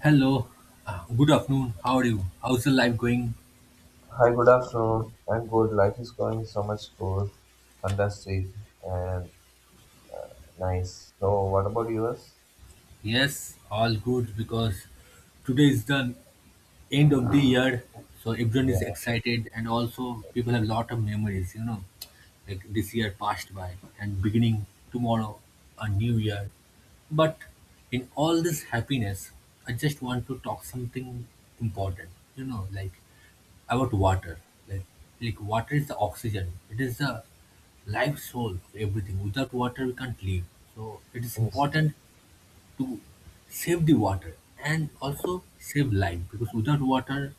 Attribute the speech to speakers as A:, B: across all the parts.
A: Hello, good afternoon. How are you? How's the life going?
B: Hi, good afternoon. I'm good. Life is going so much cool, fantastic, and nice. So, what about yours?
A: Yes, all good because today is the end of the year, so everyone is
B: Yeah,
A: excited and also people have a lot of memories, like this year passed by and beginning tomorrow a new year. But in all this happiness, I just want to talk something important, like about water. Like, like water is the oxygen. It is the life soul of everything. Without water, we can't live. So it is
B: yes, yes,
A: important to save the water and also save life because without water,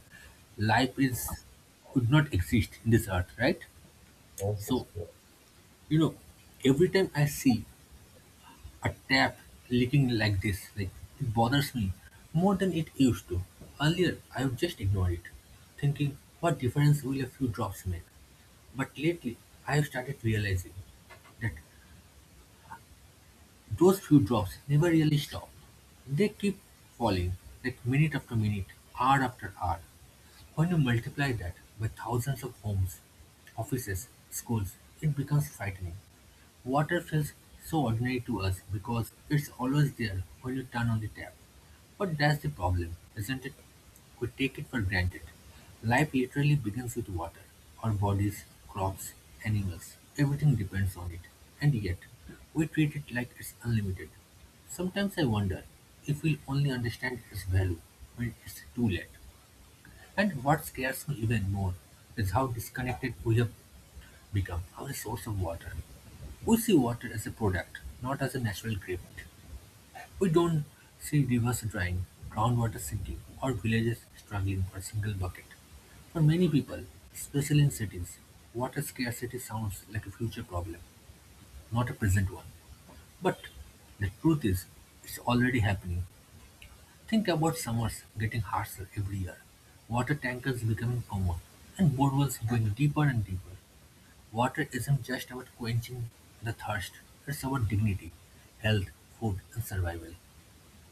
A: life is would not exist in this earth, right?
B: yes,
A: So
B: yeah.
A: you know, every time I see a tap leaking like this, like it bothers me more than it used to. Earlier, I would just ignore it, thinking, what difference will a few drops make? But lately, I've started realizing that those few drops never really stop. They keep falling, like minute after minute, hour after hour. When you multiply that by thousands of homes, offices, schools, it becomes frightening. Water feels so ordinary to us because it's always there when you turn on the tap. But that's the problem, isn't it? We take it for granted. Life literally begins with water. Our bodies, crops, animals, everything depends on it. And yet, we treat it like it's unlimited. Sometimes I wonder if we'll only understand its value when it's too late. And what scares me even more is how disconnected we have become our source of water. We see water as a product, not as a natural gift. We don't see rivers drying, groundwater sinking, or villages struggling for a single bucket. For many people, especially in cities, water scarcity sounds like a future problem, not a present one. But the truth is, it's already happening. Think about summers getting harsher every year, water tankers becoming common, and boreholes going deeper and deeper. Water isn't just about quenching the thirst, it's about dignity, health, food, and survival.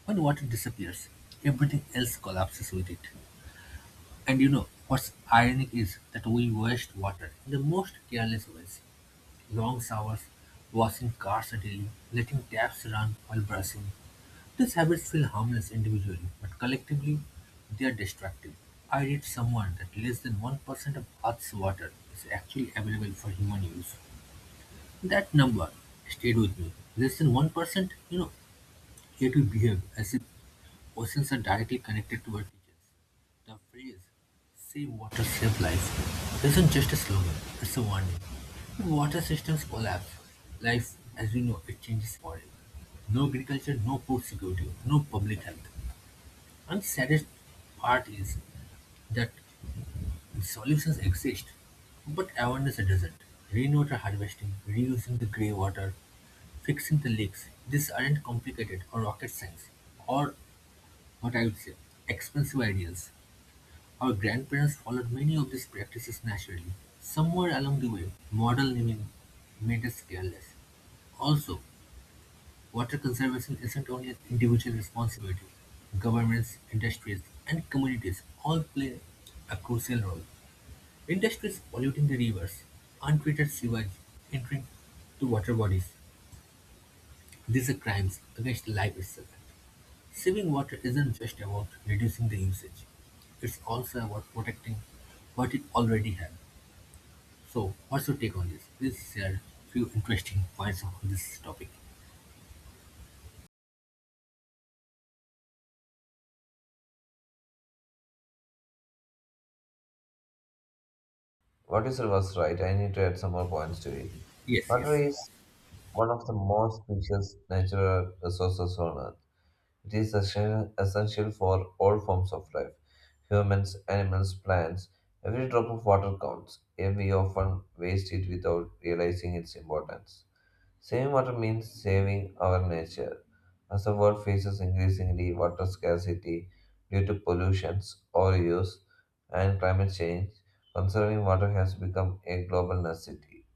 A: When water disappears, everything else collapses with it. And what's ironic is that we waste water in the most careless ways. Long showers, washing cars daily, letting taps run while brushing. These habits feel harmless individually, but collectively, they are destructive. I read somewhere that less than 1% of Earth's water is actually available for human use. That number stayed with me. Less than 1%, yet we behave as if oceans are directly connected to our kitchens. The phrase, save water, save life, isn't just a slogan, it's a warning. When water systems collapse, life as we know it changes forever. No agriculture, no food security, no public health. And the saddest part is that solutions exist, but awareness doesn't. Rainwater harvesting, reusing the grey water, fixing the leaks, these aren't complicated or rocket science, or what I would say, expensive ideas. Our grandparents followed many of these practices naturally. Somewhere along the way, model naming made us careless. Also, water conservation isn't only an individual responsibility. Governments, industries, and communities all play a crucial role. Industries polluting the rivers, untreated sewage entering to water bodies. These are crimes against life itself. Saving water isn't just about reducing the usage. It's also about protecting what it already has. So, what's your take on this? Please share few interesting points on this topic.
B: What is was right? I need to add some more points to it.
A: Yes,
B: Water
A: yes.
B: is one of the most precious natural resources on Earth. It is essential for all forms of life humans, animals, plants. Every drop of water counts, and we often waste it without realizing its importance. Saving water means saving our nature. As the world faces increasingly water scarcity due to pollutions, overuse, and climate change, conserving water has become a global necessity.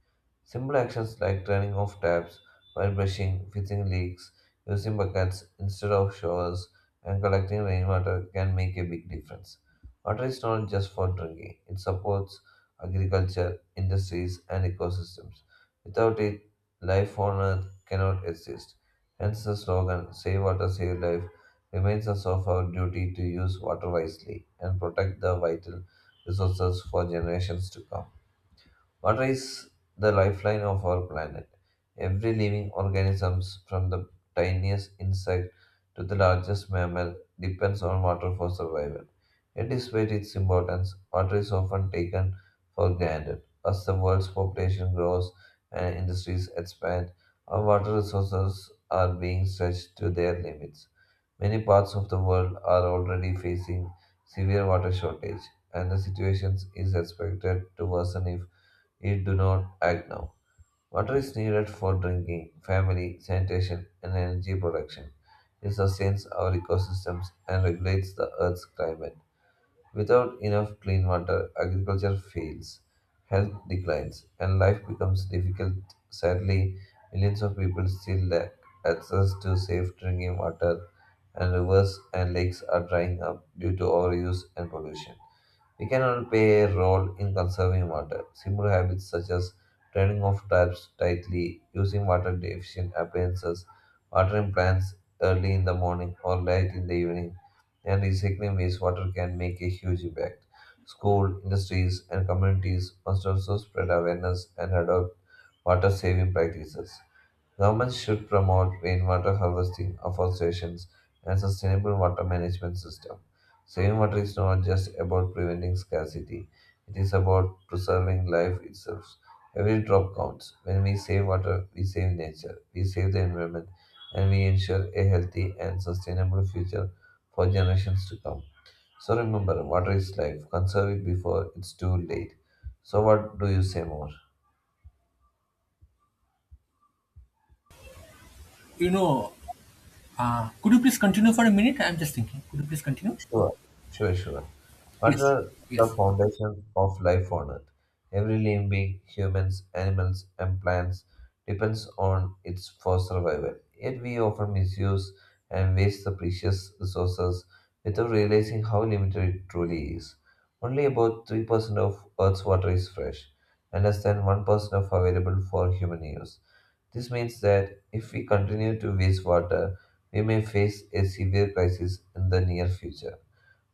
B: Simple actions like turning off taps while brushing, fixing leaks, using buckets instead of showers, and collecting rainwater can make a big difference. Water is not just for drinking, it supports agriculture, industries, and ecosystems. Without it, life on earth cannot exist. Hence, the slogan Save Water, Save Life reminds us of our duty to use water wisely and protect the vital resources for generations to come. Water is the lifeline of our planet. Every living organism, from the tiniest insect to the largest mammal, depends on water for survival. Yet, despite its importance, water is often taken for granted. As the world's population grows and industries expand, our water resources are being stretched to their limits. Many parts of the world are already facing severe water shortage, and the situation is expected to worsen if it do not act now. Water is needed for drinking, family, sanitation, and energy production. It sustains our ecosystems and regulates the Earth's climate. Without enough clean water, agriculture fails, health declines, and life becomes difficult. Sadly, millions of people still lack access to safe drinking water, and rivers and lakes are drying up due to overuse and pollution. We can all play a role in conserving water. Simple habits such as turning off taps tightly, using water efficient appliances, watering plants early in the morning or late in the evening, and recycling wastewater can make a huge impact. School, industries, and communities must also spread awareness and adopt water saving practices. Governments should promote rainwater harvesting, afforestation, and sustainable water management system. Saving water is not just about preventing scarcity; it is about preserving life itself. Every drop counts. When we save water, we save nature, we save the environment, and we ensure a healthy and sustainable future for generations to come. So remember, water is life. Conserve it before it's too late. So what do you say more?
A: You know, could you please continue for a minute? I'm just thinking. Could you please continue?
B: Sure, sure, sure. What
A: Yes,
B: are the
A: yes.
B: foundations of life on Earth? Every living being, humans, animals, and plants, depends on its for survival. Yet we often misuse and waste the precious resources without realizing how limited it truly is. Only about 3% of Earth's water is fresh, and less than 1% of available for human use. This means that if we continue to waste water, we may face a severe crisis in the near future.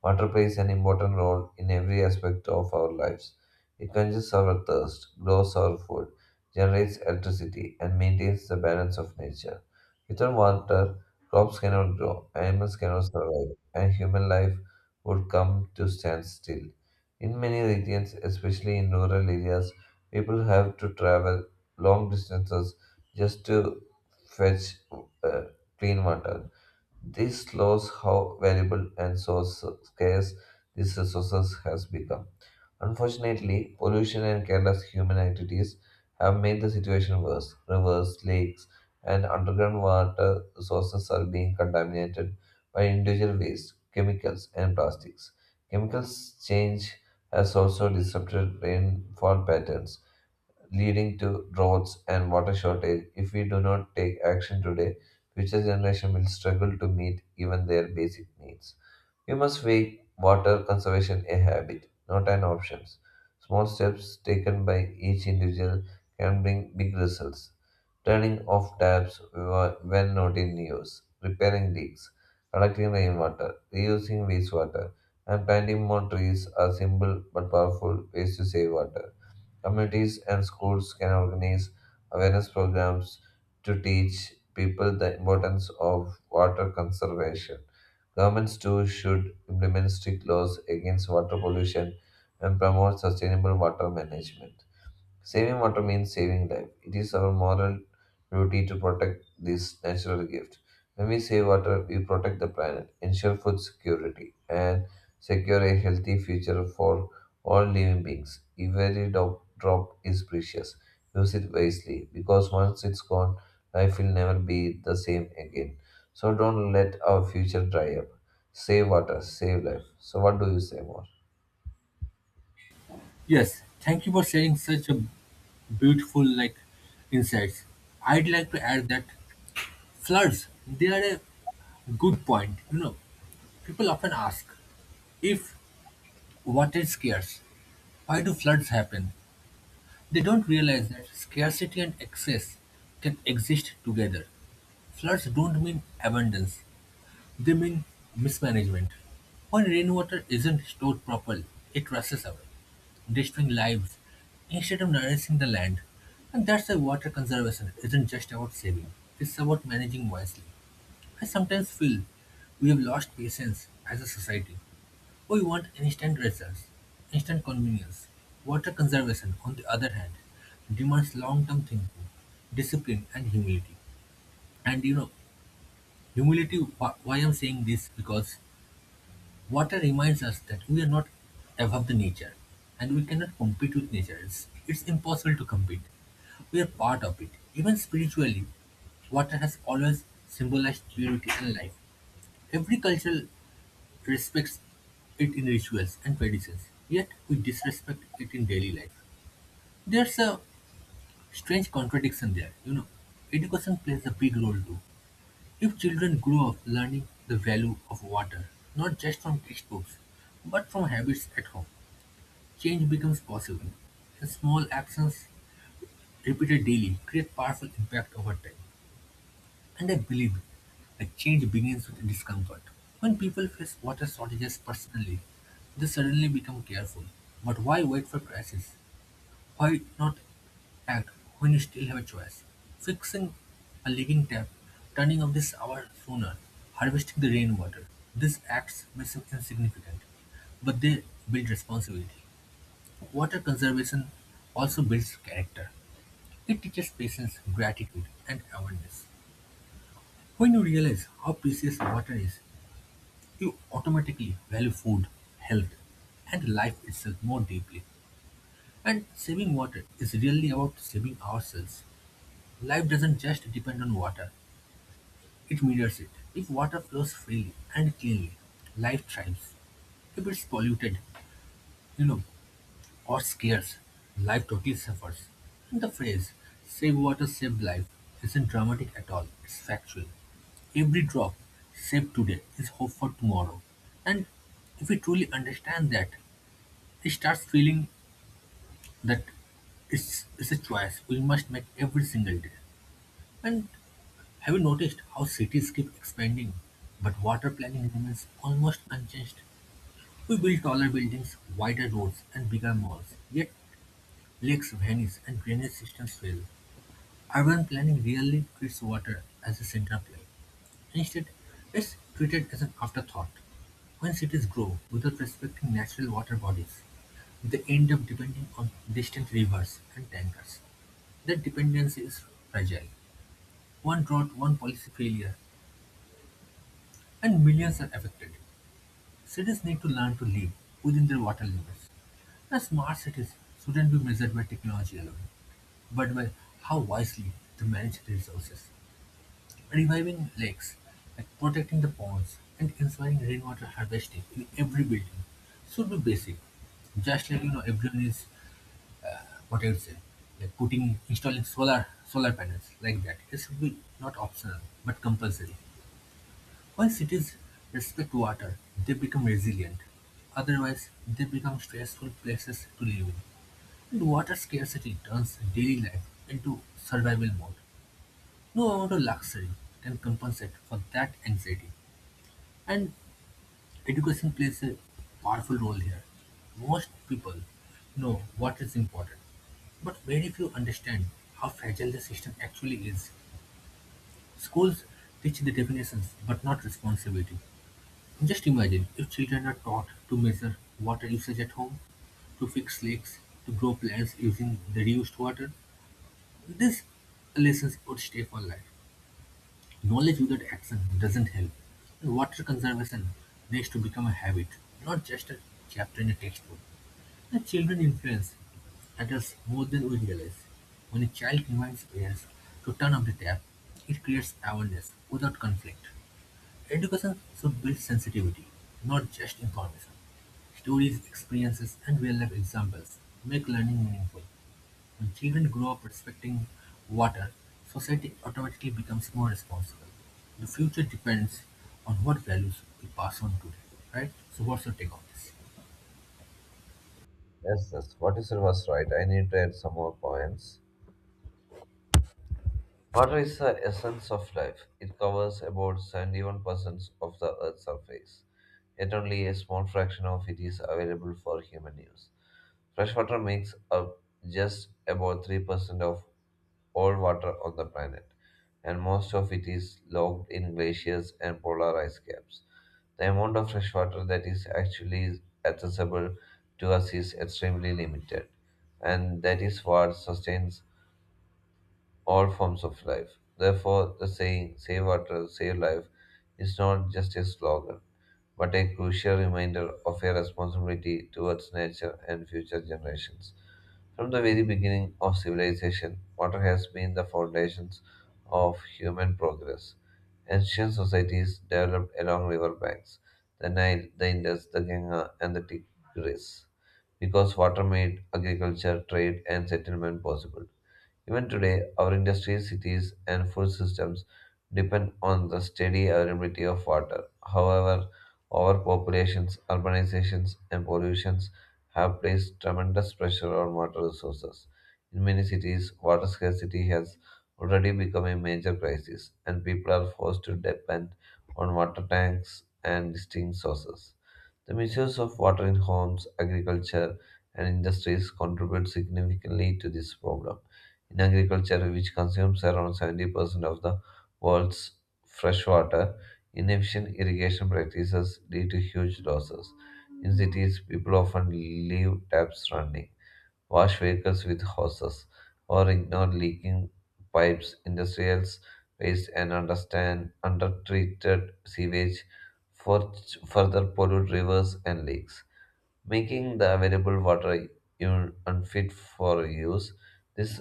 B: Water plays an important role in every aspect of our lives. It quenches our thirst, grows our food, generates electricity, and maintains the balance of nature. Without water, crops cannot grow, animals cannot survive, and human life would come to stand still. In many regions, especially in rural areas, people have to travel long distances just to fetch uh, clean water. This shows how valuable and so scarce these resources has become. Unfortunately, pollution and careless human activities have made the situation worse. Rivers, lakes, and underground water sources are being contaminated by individual waste, chemicals, and plastics. Chemicals change has also disrupted rainfall patterns, leading to droughts and water shortage. If we do not take action today, future generations will struggle to meet even their basic needs. We must make water conservation a habit, not an option. Small steps taken by each individual can bring big results. Turning off taps when not in use, repairing leaks, collecting rainwater, reusing wastewater, and planting more trees are simple but powerful ways to save water. Communities and schools can organize awareness programs to teach people the importance of water conservation. Governments too should implement strict laws against water pollution and promote sustainable water management. Saving water means saving life. It is our moral duty to protect this natural gift. When we save water, we protect the planet, ensure food security, and secure a healthy future for all living beings. Every drop is precious. Use it wisely because once it's gone, life will never be the same again. So don't let our future dry up. Save water, save life. So, what do you say more?
A: Yes, thank you for sharing such a beautiful like insights. I'd like to add that floods they are a good point. People often ask if water is scarce, why do floods happen? They don't realize that scarcity and excess can exist together. Floods don't mean abundance; they mean mismanagement. When rainwater isn't stored properly, it rushes away, destroying lives instead of nourishing the land. And that's why water conservation isn't just about saving, it's about managing wisely. I sometimes feel we have lost patience as a society. We want instant results, instant convenience. Water conservation, on the other hand, demands long term thinking, discipline, and humility. And humility, why I'm saying this? Because water reminds us that we are not above the nature and we cannot compete with nature. It's impossible to compete. We are part of it. Even spiritually, water has always symbolized purity and life. Every culture respects it in rituals and traditions, yet we disrespect it in daily life. There's a strange contradiction there. Education plays a big role too. If children grow up learning the value of water, not just from textbooks, but from habits at home, change becomes possible. The small actions repeated daily create powerful impact over time. And I believe that change begins with discomfort. When people face water shortages personally, they suddenly become careful. But why wait for crisis? Why not act when you still have a choice? Fixing a leaking tap, turning off this hour sooner, harvesting the rainwater. These acts may seem insignificant, but they build responsibility. Water conservation also builds character. It teaches patience, gratitude, and awareness. When you realize how precious water is, you automatically value food, health, and life itself more deeply. And saving water is really about saving ourselves. Life doesn't just depend on water, it mirrors it. If water flows freely and cleanly, life thrives. If it's polluted, you know, what scarce, life totally suffers. The phrase, save water, save life, isn't dramatic at all, it's factual. Every drop saved today is hope for tomorrow. And if we truly understand that, it starts feeling that it's a choice we must make every single day. And have you noticed how cities keep expanding, but water planning remains almost unchanged? We build taller buildings, wider roads, and bigger malls, yet lakes vanish and drainage systems fail. Urban planning rarely treats water as a central play. Instead, it's treated as an afterthought. When cities grow without respecting natural water bodies, they end up depending on distant rivers and tankers. That dependency is fragile. One drought, one policy failure, and millions are affected. Cities need to learn to live within their water limits. The smart cities shouldn't be measured by technology alone, but by how wisely they manage their resources. Reviving lakes, like protecting the ponds and ensuring rainwater harvesting in every building, should be basic. Just like everyone is what I would say, like putting installing solar panels like that. It should be not optional but compulsory. When cities respect water, they become resilient. Otherwise, they become stressful places to live in. And water scarcity turns daily life into survival mode. No amount of luxury can compensate for that anxiety. And education plays a powerful role here. Most people know what is important, but very few understand how fragile the system actually is. Schools teach the definitions but not responsibility. Just imagine if children are taught to measure water usage at home, to fix leaks, to grow plants using the reused water, these lessons would stay for life. Knowledge without action doesn't help, and water conservation needs to become a habit, not just a chapter in a textbook. The children influence adults more than we realize. When a child reminds parents to turn off the tap, it creates awareness without conflict. Education should build sensitivity, not just information. Stories, experiences, and real life examples make learning meaningful. When children grow up respecting water, society automatically becomes more responsible. The future depends on what values we pass on today, right? So, what's your take on this?
B: Yes, yes. What you said was right. I need to add some more points. Water is the essence of life. It covers about 71% of the Earth's surface, yet only a small fraction of it is available for human use. Fresh water makes up just about 3% of all water on the planet, and most of it is locked in glaciers and polar ice caps. The amount of fresh water that is actually accessible to us is extremely limited, and that is what sustains all forms of life. Therefore, the saying, save water, save life, is not just a slogan, but a crucial reminder of a responsibility towards nature and future generations. From the very beginning of civilization, water has been the foundations of human progress. Ancient societies developed along river banks, the Nile, the Indus, the Ganga, and the Tigris, because water made agriculture, trade, and settlement possible. Even today, our industries, cities, and food systems depend on the steady availability of water. However, overpopulations, urbanizations, and pollutions have placed tremendous pressure on water resources. In many cities, water scarcity has already become a major crisis, and people are forced to depend on water tanks and distinct sources. The misuse of water in homes, agriculture, and industries contributes significantly to this problem. In agriculture, which consumes around 70% of the world's fresh water, inefficient irrigation practices lead to huge losses. In cities, people often leave taps running wash vehicles with hoses, or ignore leaking pipes, industrial waste, and understand undertreated sewage for further pollute rivers and lakes, making the available water unfit for use. These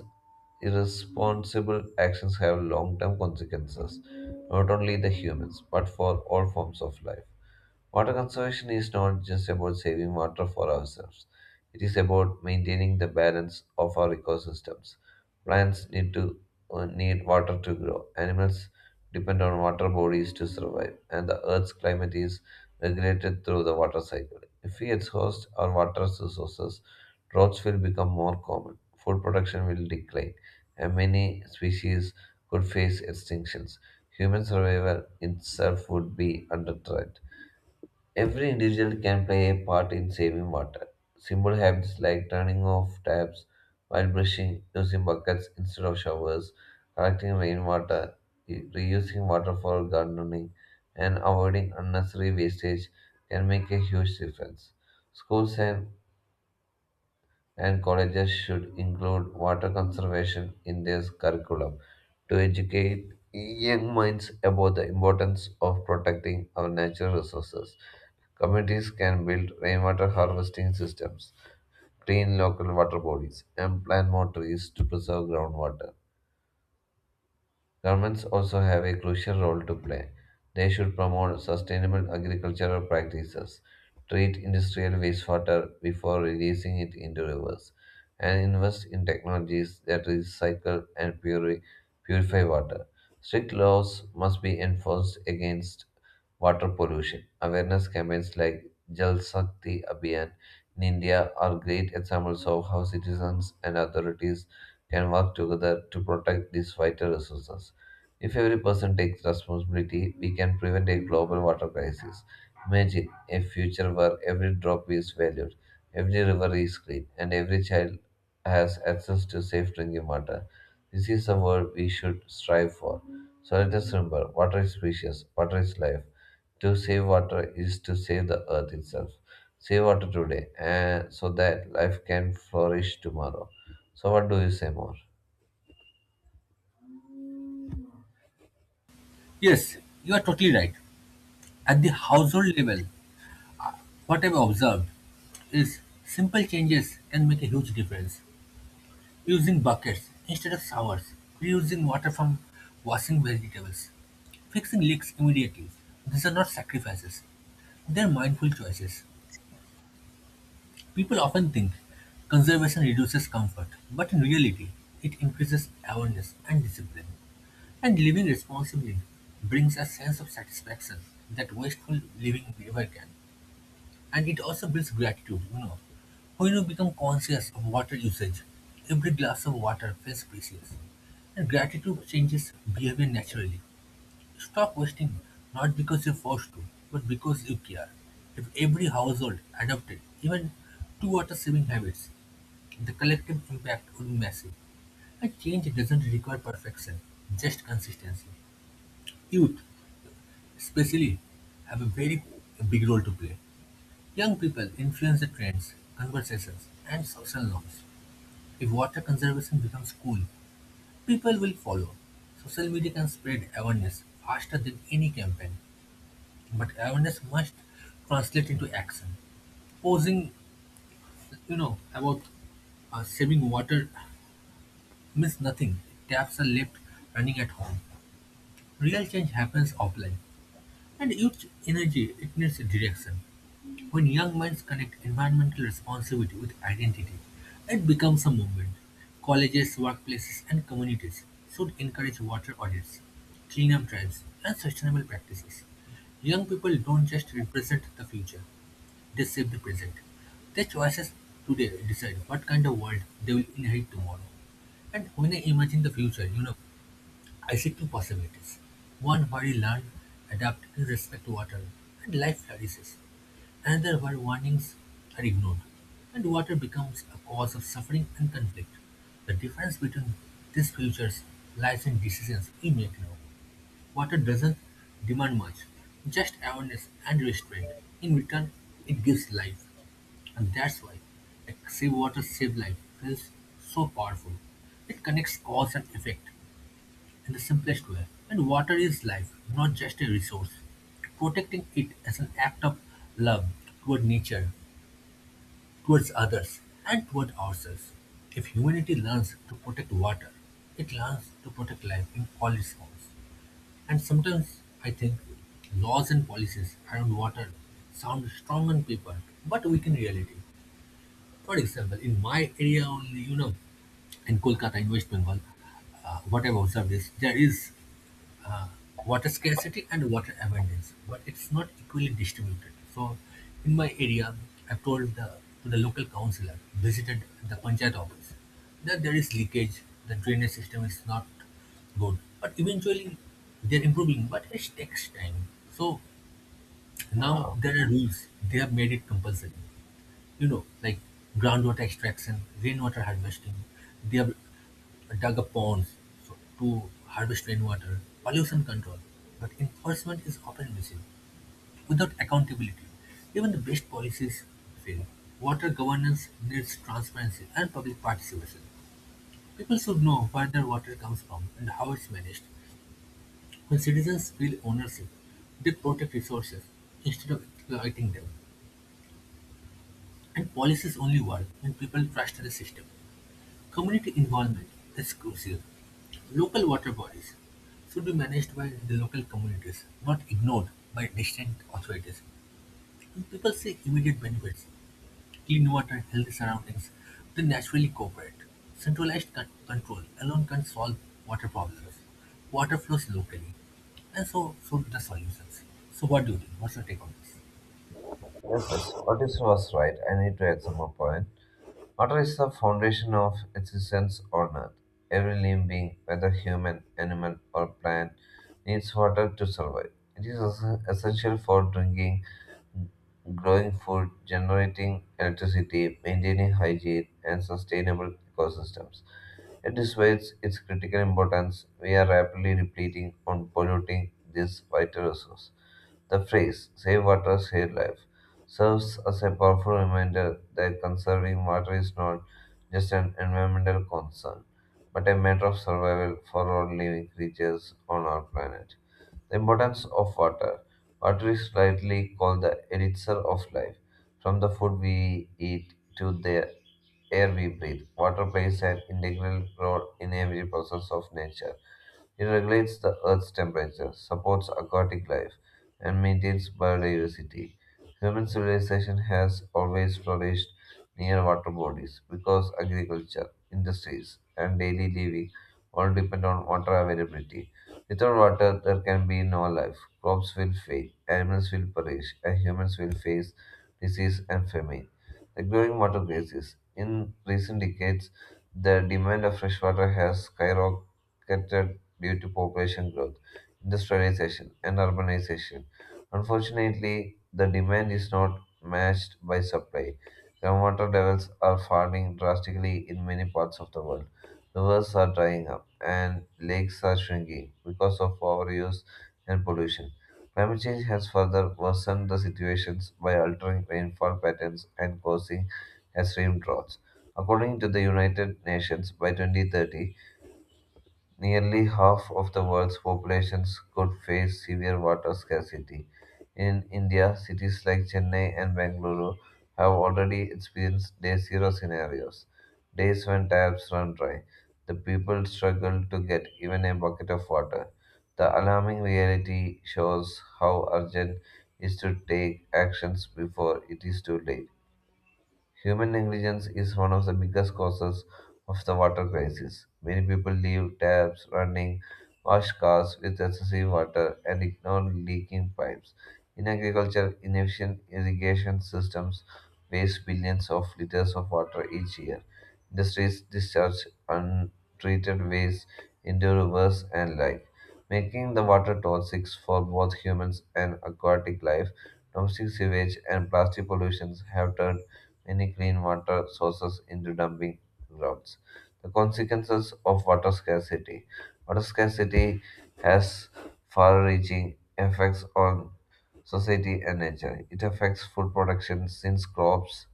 B: irresponsible actions have long-term consequences, not only the humans but for all forms of life. Water conservation is not just about saving water for ourselves, it is about maintaining the balance of our ecosystems. Plants need to need water to grow. Animals depend on water bodies to survive, and the Earth's climate is regulated through the water cycle. If we exhaust our water resources, droughts will become more common, food production will decline, and many species could face extinctions. Human survival itself would be under threat. Every individual can play a part in saving water. Simple habits like turning off taps while brushing, using buckets instead of showers, collecting rainwater, reusing water for gardening, and avoiding unnecessary wastage can make a huge difference. Schools and colleges should include water conservation in their curriculum to educate young minds about the importance of protecting our natural resources. Communities can build rainwater harvesting systems, clean local water bodies, and plant more trees to preserve groundwater. Governments also have a crucial role to play. They should promote sustainable agricultural practices, treat industrial wastewater before releasing it into rivers, and invest in technologies that recycle and purify water. Strict laws must be enforced against water pollution. Awareness campaigns like Jal Shakti Abhiyan in India are great examples of how citizens and authorities can work together to protect these vital resources. If every person takes responsibility, we can prevent a global water crisis. Imagine a future where every drop is valued, every river is clean, and every child has access to safe drinking water. This is the world we should strive for. So let us remember water is precious, water is life. To save water is to save the earth itself. Save water today and so that life can flourish tomorrow. So, what do you say more?
A: Yes, you are totally right. At the household level, what I've observed is simple changes can make a huge difference. Using buckets instead of showers, reusing water from washing vegetables, fixing leaks immediately. These are not sacrifices, they're mindful choices. People often think conservation reduces comfort, but in reality, it increases awareness and discipline. And living responsibly brings a sense of satisfaction that wasteful living never can. And it also builds gratitude. When you become conscious of water usage, every glass of water feels precious. And gratitude changes behavior naturally. Stop wasting not because you're forced to, but because you care. If every household adopted even two water saving habits, the collective impact would be massive. A change doesn't require perfection, just consistency. Youth, especially, have a very big role to play. Young people influence the trends, conversations, and social norms. If water conservation becomes cool, people will follow. Social media can spread awareness faster than any campaign, but awareness must translate into action. Posing, about saving water means nothing. Taps are left running at home. Real change happens offline, and youth energy it needs direction. When young minds connect environmental responsibility with identity, it becomes a movement. Colleges, workplaces, and communities should encourage water audits, cleanup drives, and sustainable practices. Young people don't just represent the future, they shape the present. Their choices today decide what kind of world they will inherit tomorrow. And when I imagine the future, I see two possibilities: one where you learn, adapt, and respect water, and life flourishes; another where warnings are ignored, and water becomes a cause of suffering and conflict. The difference between these futures lies in decisions we make now. Water doesn't demand much, just awareness and restraint. In return, it gives life, and that's why a save water, save life feels so powerful. It connects cause and effect in the simplest way. And water is life, not just a resource. Protecting it as an act of love toward nature, towards others, and toward ourselves. If humanity learns to protect water, it learns to protect life in all its forms. And sometimes I think laws and policies around water sound strong on paper but weak in reality. For example, in my area only, in Kolkata, in West Bengal, what I've observed is there is uh, water scarcity and water abundance, but it's not equally distributed. So, in my area, I've told to the local councillor, visited the panchayat office, that there is leakage, the drainage system is not good. But eventually, they're improving, but it takes time. So, now there are rules, they have made it compulsory like groundwater extraction, rainwater harvesting. They have dug up ponds to harvest rainwater, pollution control. But enforcement is often missing. Without accountability, even the best policies fail. Water governance needs transparency and public participation. People should know where their water comes from and how it's managed. When citizens feel ownership, they protect resources instead of exploiting them. And policies only work when people trust the system. Community involvement is crucial. Local water bodies should be managed by the local communities, not ignored by distant authorities. When people see immediate benefits, clean water, healthy surroundings, they naturally cooperate. Centralized control alone can solve water problems. Water flows locally, and so should the solutions. So, what do you think? What's your take on this?
B: Yes, yes, what you said was right. I need to add some more point. Water is the foundation of existence on Earth. Every living being, whether human, animal, or plant, needs water to survive. It is also essential for drinking, growing food, generating electricity, maintaining hygiene, and sustainable ecosystems. It displays its critical importance. We are rapidly depleting and polluting this vital resource. The phrase, save water, save life, serves as a powerful reminder that conserving water is not just an environmental concern, but a matter of survival for all living creatures on our planet. The importance of water. Water is rightly called the elixir of life. From the food we eat to the air we breathe, water plays an integral role in every process of nature. It regulates the earth's temperature, supports aquatic life, and maintains biodiversity. Human civilization has always flourished near water bodies because agriculture, industries, and daily living all depend on water availability. Without water, there can be no life. Crops will fail, animals will perish, and humans will face disease and famine. The growing water crisis. In recent decades, the demand of fresh water has skyrocketed due to population growth, industrialization, and urbanization. Unfortunately, the demand is not matched by supply. Groundwater levels are falling drastically in many parts of the world. Rivers are drying up and lakes are shrinking because of overuse and pollution. Climate change has further worsened the situations by altering rainfall patterns and causing extreme droughts. According to the United Nations, by 2030, nearly half of the world's populations could face severe water scarcity. In India, cities like Chennai and Bangalore have already experienced day zero scenarios, days when taps run dry. The people struggle to get even a bucket of water. The alarming reality shows how urgent it is to take actions before it is too late. Human negligence is one of the biggest causes of the water crisis. Many people leave taps running, wash cars with excessive water, and ignore leaking pipes. In agriculture, inefficient irrigation systems waste billions of liters of water each year. Industries discharge untreated waste into rivers and lakes, making the water toxic for both humans and aquatic life. Domestic sewage and plastic pollutions have turned many clean water sources into dumping grounds. The consequences of water scarcity. Water scarcity has far reaching effects on society and nature. It affects food production since crops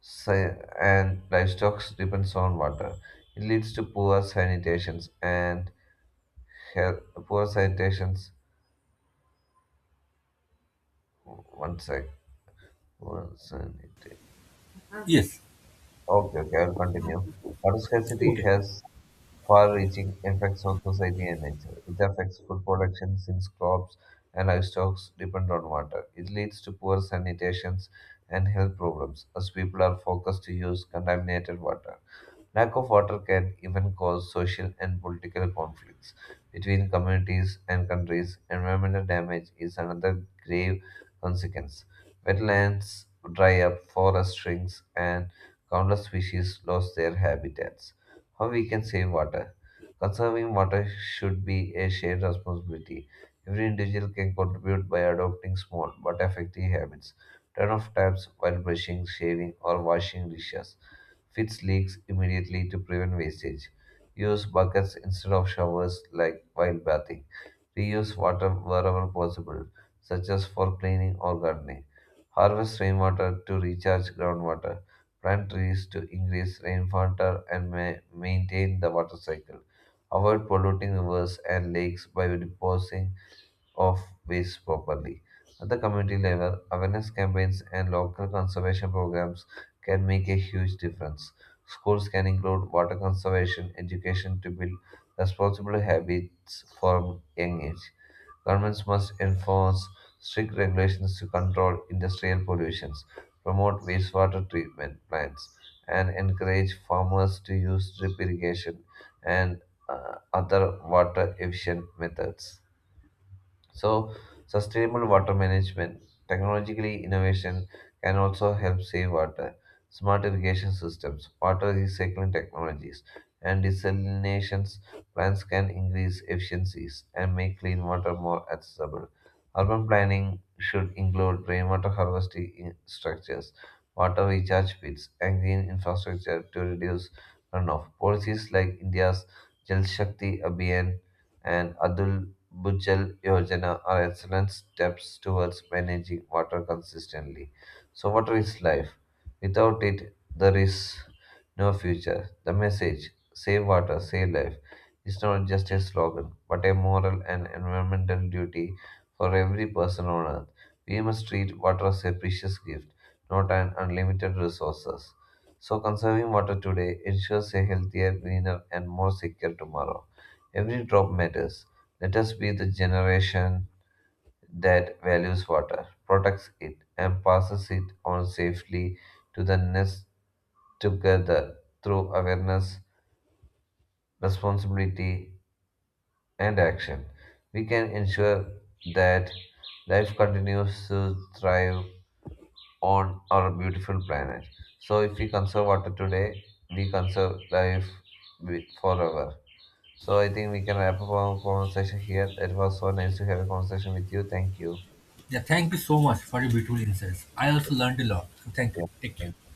B: si- and livestock depends on water. It leads to poor sanitations and health, poor sanitations. One sec. Poor sanita-
A: Yes.
B: Okay, okay, I'll continue. Water scarcity
A: Okay.
B: has far-reaching effects on society and nature. It affects food production since crops and livestock depend on water. It leads to poor sanitations and health problems as people are forced to use contaminated water. Lack of water can even cause social and political conflicts between communities and countries. Environmental damage is another grave consequence. Wetlands dry up, forest shrinks, and countless species lose their habitats. How we can save water? Conserving water should be a shared responsibility. Every individual can contribute by adopting small but effective habits. Turn off taps while brushing, shaving, or washing dishes. Fix leaks immediately to prevent wastage. Use buckets instead of showers like while bathing. Reuse water wherever possible, such as for cleaning or gardening. Harvest rainwater to recharge groundwater. Plant trees to increase rainfall and maintain the water cycle. Avoid polluting rivers and lakes by depositing of waste properly. At the community level, awareness campaigns and local conservation programs can make a huge difference. Schools can include water conservation education to build responsible habits from young age. Governments must enforce strict regulations to control industrial pollutions, promote wastewater treatment plants, and encourage farmers to use drip irrigation and other water efficient methods. So, sustainable water management, technologically innovation can also help save water. Smart irrigation systems, water recycling technologies, and desalination plants can increase efficiencies and make clean water more accessible. Urban planning should include rainwater harvesting structures, water recharge pits, and green infrastructure to reduce runoff. Policies like India's Jal Shakti Abhiyan and Adul Bhujal Yojana are excellent steps towards managing water consistently. So, water is life. Without it, there is no future. The message, save water, save life, is not just a slogan, but a moral and environmental duty for every person on earth. We must treat water as a precious gift, not an unlimited resource. So, conserving water today ensures a healthier, greener, and more secure tomorrow. Every drop matters. Let us be the generation that values water, protects it, and passes it on safely to the next, together through awareness, responsibility, and action. We can ensure that life continues to thrive on our beautiful planet. So, if we conserve water today, we conserve life forever. So I think we can wrap up our conversation here. It was so nice to have a conversation with you. Thank you.
A: Yeah, thank you so much for your beautiful insights. I also learned a lot. So, thank you. Take care.
B: Yeah.